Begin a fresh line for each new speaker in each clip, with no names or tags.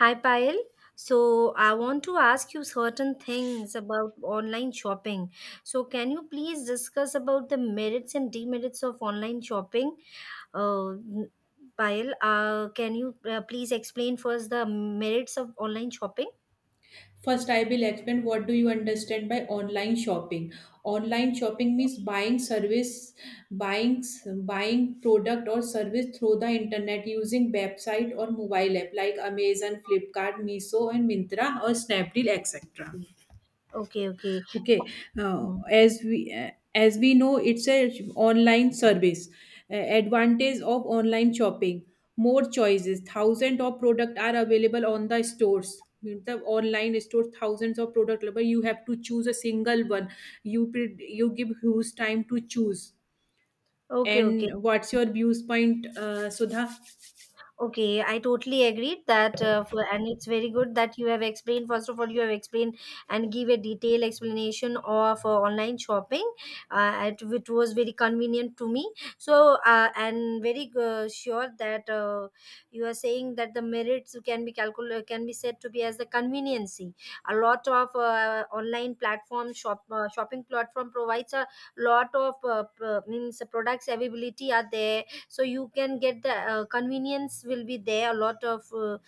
Hi Payal. So I want to ask you certain things about online shopping. So can you please discuss about the merits and demerits of online shopping? Uh, n- Payal, can you please explain first the merits of online shopping?
First, I will explain what do you understand by online shopping. Online shopping means buying service, buying buying product or service through the internet using website or mobile app like Amazon, Flipkart, Miso, and Mintra or Snapdeal, etc.
Okay, okay.
Okay.
Okay,
uh,
okay.
as we uh, as we know it's a online service. Advantage of online shopping, more choices, thousands of product are available on the stores. Means the online store thousands of product available. You have to choose a single one. You give huge time to choose.
Okay, okay.
And what's your views point, sudha?
Okay, I totally agreed that, for, and it's very good that you have explained. First of all, you have explained and give a detailed explanation of online shopping, which was very convenient to me. So, and very sure that you are saying that the merits can be calculated, can be said to be as the conveniency. A lot of online platform shop shopping platform provides a lot of means products availability are there, so you can get the convenience will be there a lot of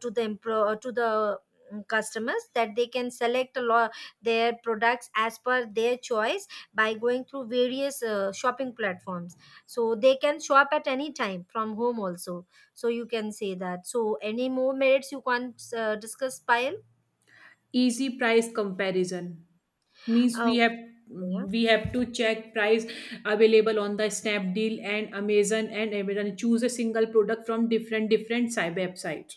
to the customers that they can select a lot their products as per their choice by going through various shopping platforms, so they can shop at any time from home also. So you can say that, so any more merits you can't discuss pile?
Easy price comparison, means we have,
Okay.
we have to check price available on the snapdeal and amazon and amazon, choose a single product from different different side website.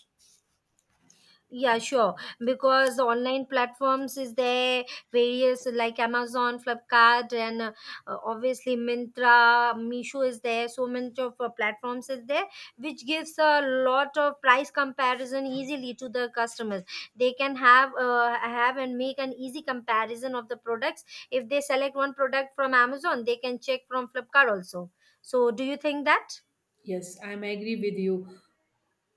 Yeah, sure. Because online platforms is there, various like Amazon, Flipkart, and obviously Mintra, Misho is there. So many of platforms is there, which gives a lot of price comparison easily to the customers. They can have and make an easy comparison of the products. If they select one product from Amazon, they can check from Flipkart also. So, do you think that?
Yes, I am agree with you.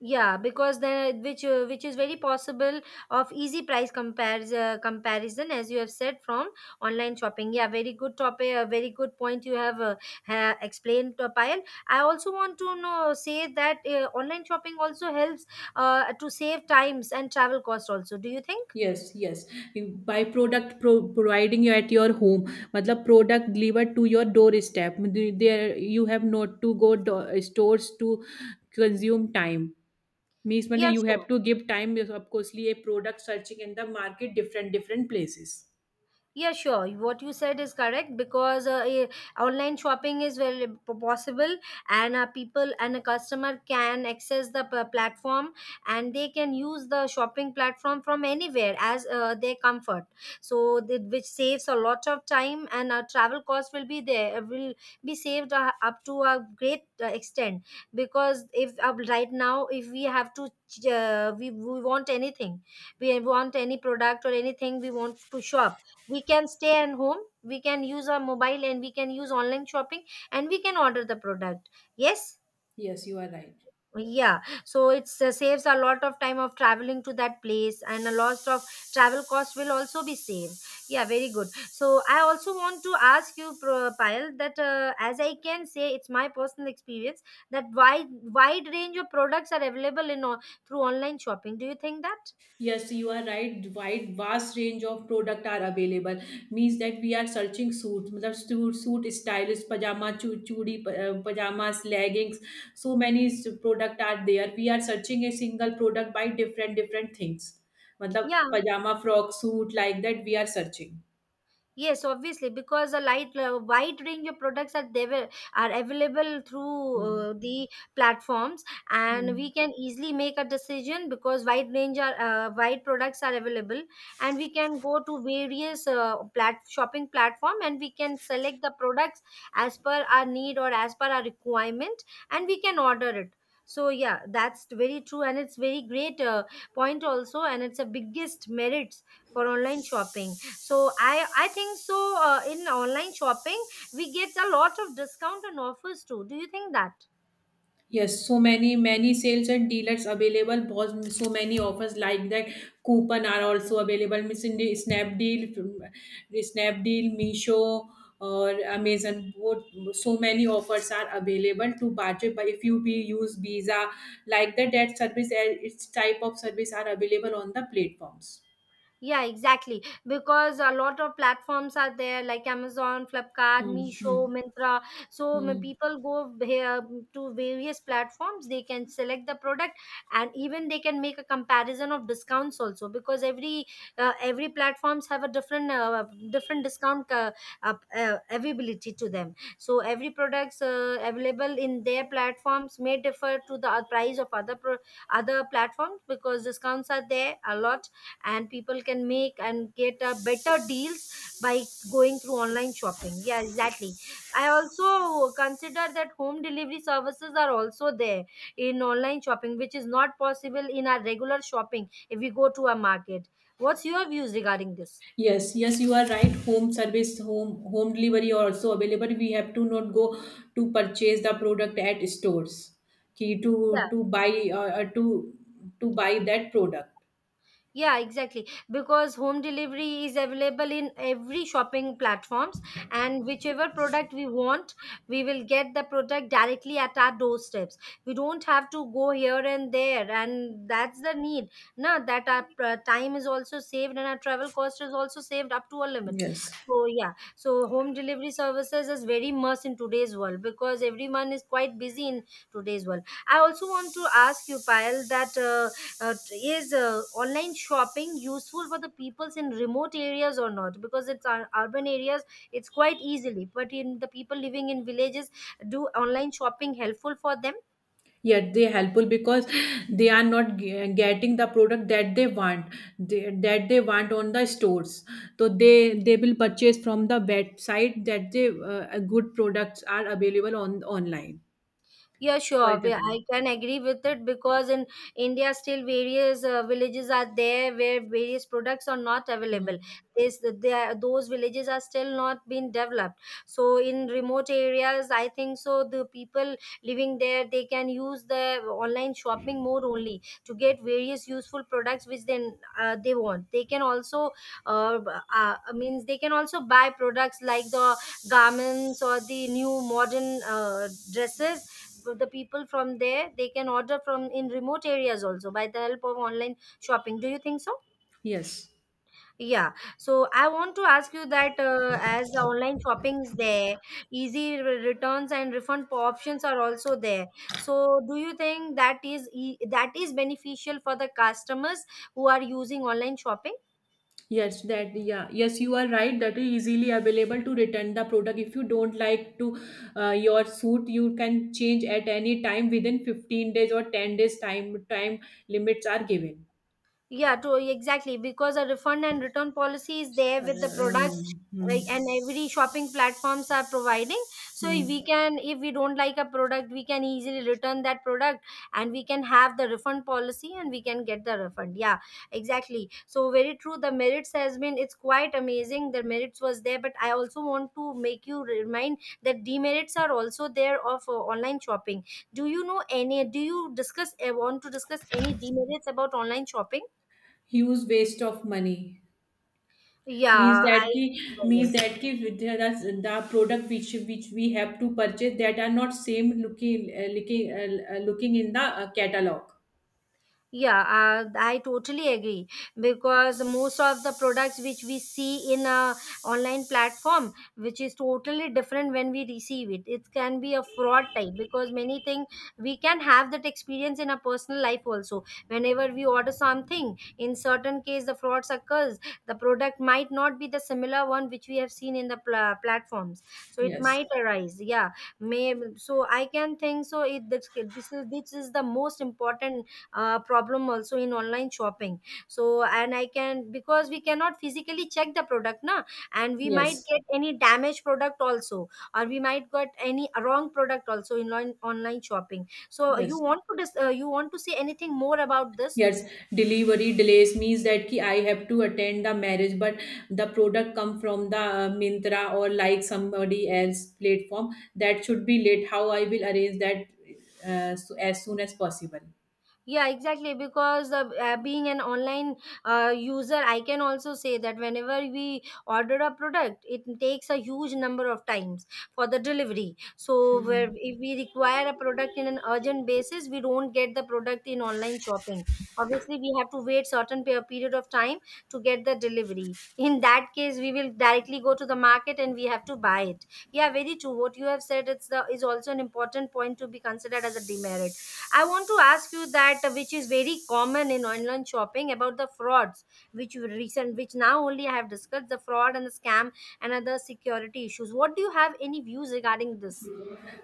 Yeah, because then which is very possible of easy price compares comparison as you have said from online shopping. Yeah, very good topic, a very good point you have explained, Payal. I also want to know say that online shopping also helps to save times and travel cost also. Do you think?
Yes, yes. By product providing you at your home. मतलब product delivered to your doorstep, there you have not to go stores to consume time. Means mainly
Yeah,
you
sure.
have to give time because of course a product searching in the market different different places.
Yeah, sure. What you said is correct because online shopping is very possible, and people and a customer can access the platform, and they can use the shopping platform from anywhere as their comfort. So, which saves a lot of time and travel cost will be there, will be saved up to a great extent, because if right now, if we have to, we want anything, we want any product or anything we want to shop, we can stay at home, we can use our mobile and we can use online shopping, and we can order the product. Yes.
Yes, you are right.
Yeah, so it saves a lot of time of traveling to that place and a lot of travel cost will also be saved. Yeah, very good. So I also want to ask you, Payal, that as I can say, it's my personal experience that wide range of products are available through online shopping. Do you think that?
Yes, you are right, wide vast range of product are available. Means that we are searching suits, मतलब suit stylist pajama chudi pajamas leggings. So many product are there, we are searching a single product by different different things. मतलब
Yeah.
pajama frock suit like that we are searching.
Yes, obviously, because a light, wide range of products are there, are available through
Hmm.
the platforms, and we
Hmm.
can easily make a decision because wide products are available, and we can go to various plat shopping platform, and we can select the products as per our need or as per our requirement, and we can order it. So yeah, that's very true, and it's very great point also, and it's a biggest merits for online shopping. So I think so. In online shopping we get a lot of discount and offers too. Do you think that?
Yes, so many sales and dealers available. Boss, so many offers like that. Coupon are also available. Means in the Snapdeal, Snapdeal, Meesho, or Amazon. Both so many offers are available to budget. But if you be use Visa, like that, that service, its type of service are available on the platforms.
Yeah, exactly. Because a lot of platforms are there like Amazon, Flipkart,
Hmm, hmm,
Meesho, Mintra. So
hmm.
people go here to various platforms. They can select the product, and even they can make a comparison of discounts also. Because every platforms have a different discount availability to them. So every products available in their platforms may differ to the price of other platforms, because discounts are there a lot and people can make and get a better deals by going through online shopping. Yeah, exactly. I also consider that home delivery services are also there in online shopping, which is not possible in our regular shopping if we go to a market. What's your views regarding this?
Yes, yes, you are right. Home service, home delivery are also available. We have to not go to purchase the product at stores. Key
Yeah.
to buy to buy that product.
Yeah, exactly. Because home delivery is available in every shopping platforms, and whichever product we want, we will get the product directly at our doorsteps. We don't have to go here and there and that's the need. No, that our time is also saved and our travel cost is also saved up to a limit.
Yes.
So yeah, so home delivery services is very much in today's world because everyone is quite busy in today's world. I also want to ask you, Payal, that is online shopping useful for the peoples in remote areas or not, because it's our urban areas it's quite easily, but in the people living in villages, do online shopping helpful for them?
Yet they helpful because they are not getting the product that they want, they, that they want on the stores. So they will purchase from the website that they good products are available on online.
Yeah,
For
sure.
example.
I can agree with it because in India, still various villages are there where various products are not
Hmm.
available. This, they are, those villages are still not been developed. So in remote areas, I think so the people living there they can use the online shopping more only to get various useful products which then they want. They can also uh, means they can also buy products like the garments or the new modern dresses. So, the people from there they can order from in remote areas also by the help of online shopping. Do you think so?
Yes.
Yeah. So I want to ask you that as the online shopping is there, easy returns and refund options are also there. So do you think that that is beneficial for the customers who are using online shopping?
Yes, that yeah, yes, you are right. That is easily available to return the product. If you don't like to your suit, you can change at any time within 15 days or 10 days time limits are given.
Yeah, to exactly because a refund and return policy is there
Uh,
with the product
um, hmm,
like, and every shopping platforms are providing. So
hmm.
if we can, if we don't like a product, we can easily return that product and we can have the refund policy and we can get the refund. Yeah, exactly. So very true. The merits has been it's quite amazing. The merits was there, but I also want to make you remind that demerits are also there of online shopping. Do you know any? Do you discuss? Want to discuss any demerits about online shopping?
Huge waste of money,
Yeah, I. Oh,
means
yes.
that ki with the, the product which we have to purchase that are not same looking, looking in the catalog.
Yeah, I totally agree because most of the products which we see in a online platform, which is totally different when we receive it, it can be a fraud type because many things we can have that experience in our personal life also. Whenever we order something, in certain case the frauds occurs. The product might not be the similar one which we have seen in the platforms, so it
Yes,
might arise. Yeah, may so I can think so. It this is the most important problem also in online shopping. So and I can, because we cannot physically check the product na, and we might
yes,
get any damaged product also or we might got any wrong product also in online shopping. So you
yes.
want to you want to say anything more about this?
Yes, delivery delays, means that ki I have to attend the marriage, but the product come from the Myntra or like somebody else platform, that should be late. How I will arrange that, so as soon as possible.
Yeah, exactly because the, being an online user I can also say that whenever we order a product it takes a huge number of times for the delivery. So where if we require a product in an urgent basis, we don't get the product in online shopping. Obviously we have to wait certain period of time to get the delivery. In that case we will directly go to the market and we have to buy it. Yeah, very true what you have said, it's the is also an important point to be considered as a demerit. I want to ask you that which is very common in online shopping about the frauds, which you recent, which now only I have discussed the fraud and the scam and other security issues. What do you have any views regarding this?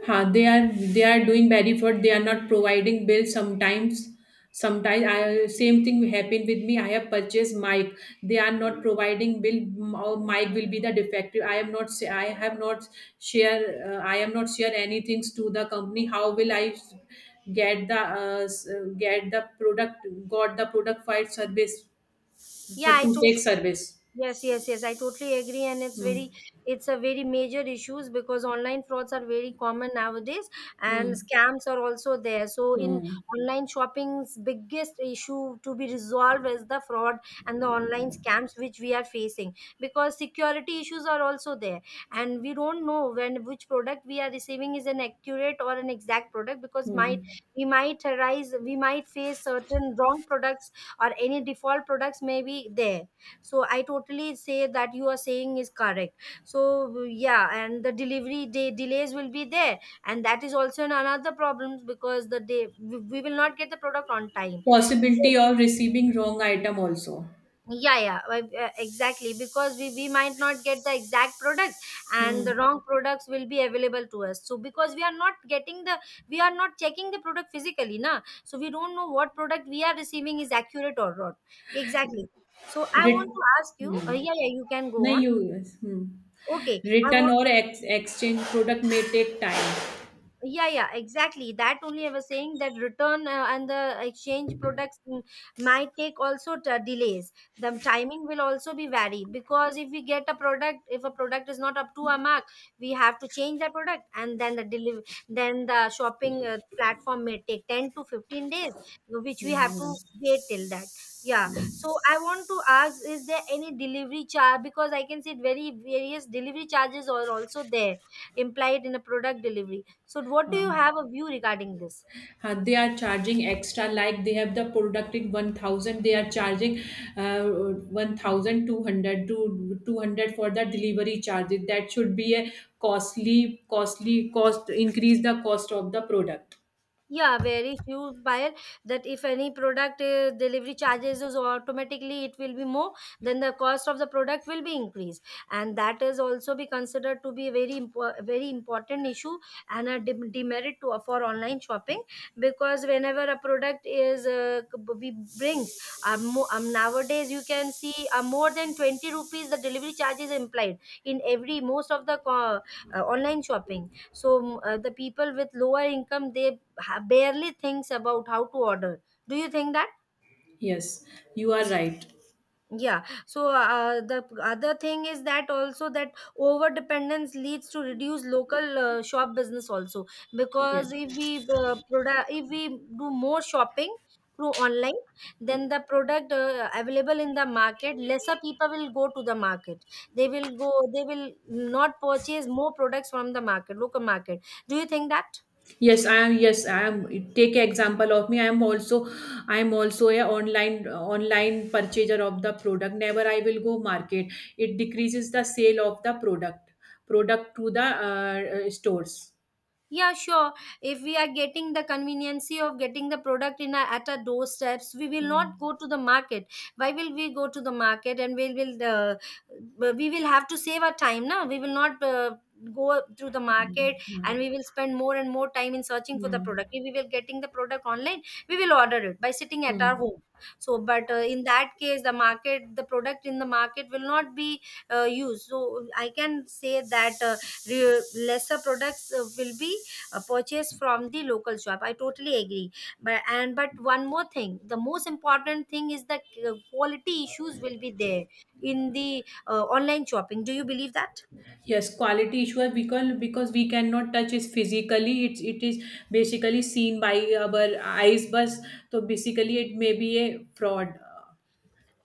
Huh, they are doing bad effort. They are not providing bills sometimes. Sometimes I same thing happened with me. I have purchased mic. They are not providing bill. Or mic will be the defective. I am not. I have not share. I am not share anything to the company. How will I s- get the product? Got the product for its service,
Yeah,
but
I
to take
totally.
service.
Yes, yes, yes. I totally agree, and it's
Hmm.
very, it's a very major issues because online frauds are very common nowadays, and
Hmm.
scams are also there. So, in
Hmm.
online shopping's biggest issue to be resolved is the fraud and the online scams which we are facing because security issues are also there, and we don't know when which product we are receiving is an accurate or an exact product because might
Hmm.
we might arise we might face certain wrong products or any default products may be there. So I totally say that you are saying is correct. So yeah, and the delivery day delays will be there, and that is also another problems because the day we will not get the product on time.
Possibility of receiving wrong item also.
Yeah, yeah, exactly, because we might not get the exact product and the
Hmm.
wrong products will be available to us. So because we are not getting the, we are not checking the product physically na, so we don't know what product we are receiving is accurate or not. Exactly. So I want
Written.
to ask you,
Hmm.
yeah, yeah, you can go
No,
on.
yes. Hmm.
Okay, I.
Return or ex exchange product may take time.
Yeah, yeah, exactly that only I was saying that return and the exchange products might take also delays. The timing will also be vary because if we get a product, if a product is not up to our mark, we have to change the product and then the deliver, then the shopping platform may take 10 to 15 days, which we
Yeah.
have
No
to wait till that. Yeah, so I want to ask, is there any delivery charge? Because I can see very various delivery charges are also there implied in a product delivery. So, what do you
problem.
have a view regarding this?
Yeah. They are charging extra. Like they have the producting 1,000. They are charging ah 1,200 to 200 for the delivery charges. That should be a costly, costly cost increase the cost of the product.
Yeah, very few buyer that if any product delivery charges is automatically it will be more, then the cost of the product will be increased, and that is also be considered to be a very important issue and a demerit to for online shopping. Because whenever a product is we bring nowadays you can see more than 20 rupees the delivery charge is implied in every most of the online shopping. So the people with lower income, they barely thinks about how to order. Do you think that?
Yes, you are right.
Yeah, so the other thing is that also that over dependence leads to reduced local shop business also. Because
Yes.
if we do more shopping through online, then the product available in the market, lesser people will go to the market. They will not purchase more products from the market, local market. Do you think that?
Yes, I am. Yes, I am. Take example of me. I am also a online purchaser of the product. Never I will go market. It decreases the sale of the product to the stores.
Yeah, sure. If we are getting the conveniency of getting the product in our at our doorsteps, we will not go
Hmm.
to the market. Why will we go to the market? And we will have to save our time now. We will not go through the
Hmm.
market
Hmm.
and we will spend more and more time in searching for the
Hmm.
product. If we will getting the product online, we will order it by sitting at our
Hmm.
home. So, but in that case, the market, the product in the market will not be used. So, I can say that lesser products will be purchase from the local shop. I totally agree. But, and but one more thing, the most important thing is the quality issues will be there in the online shopping. Do you believe that?
Yes, quality issue, because we cannot touch it physically. It's it is basically seen by our eyes, but so basically it may be a fraud, uh,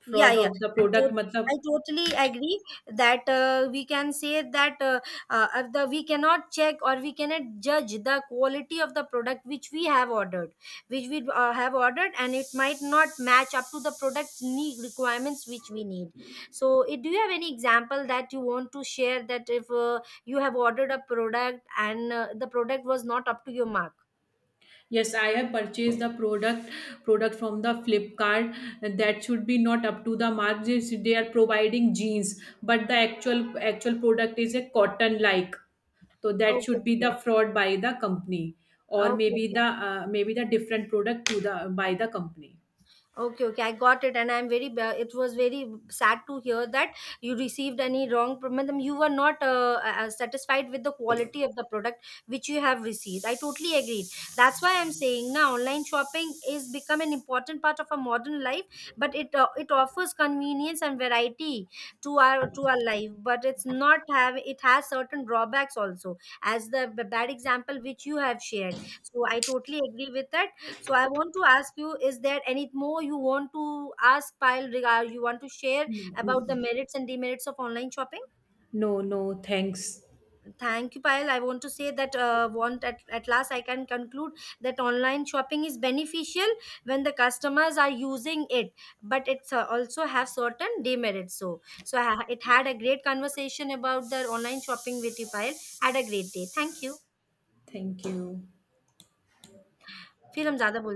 Yeah,
fraud
yeah.
of the product.
I
मतलब
totally agree that we can say that of the we cannot check or we cannot judge the quality of the product which we have ordered, which we have ordered, and it might not match up to the product need requirements which we need. So, it, do you have any example that you want to share, that if you have ordered a product and the product was not up to your mark?
yes, I have purchased the product from the Flipkart, that should be not up to the mark. They are providing jeans, but the actual product is a cotton like. So that
Okay,
should be
okay,
the fraud by the company, or
okay.
maybe the different product to the by the company.
Okay, okay, I got it, and I'm very. It was very sad to hear that you received any wrong. Madam, you were not satisfied with the quality of the product which you have received. I totally agreed. That's why I'm saying now online shopping is become an important part of our modern life, but it it offers convenience and variety to our life. But it's not have, it has certain drawbacks also, as the bad example which you have shared. So I totally agree with that. So I want to ask you, is there any more you want to ask Payal regard, you want to share
No,
about the merits and demerits of online shopping?
no. Thanks.
Thank you, Payal. I want to say that want at last I can conclude that online shopping is beneficial when the customers are using it, but it's also have certain demerits. So it had a great conversation about the online shopping with you, Payal. Had a great day. Thank you.
Thank you.
फिर हम ज्यादा बोल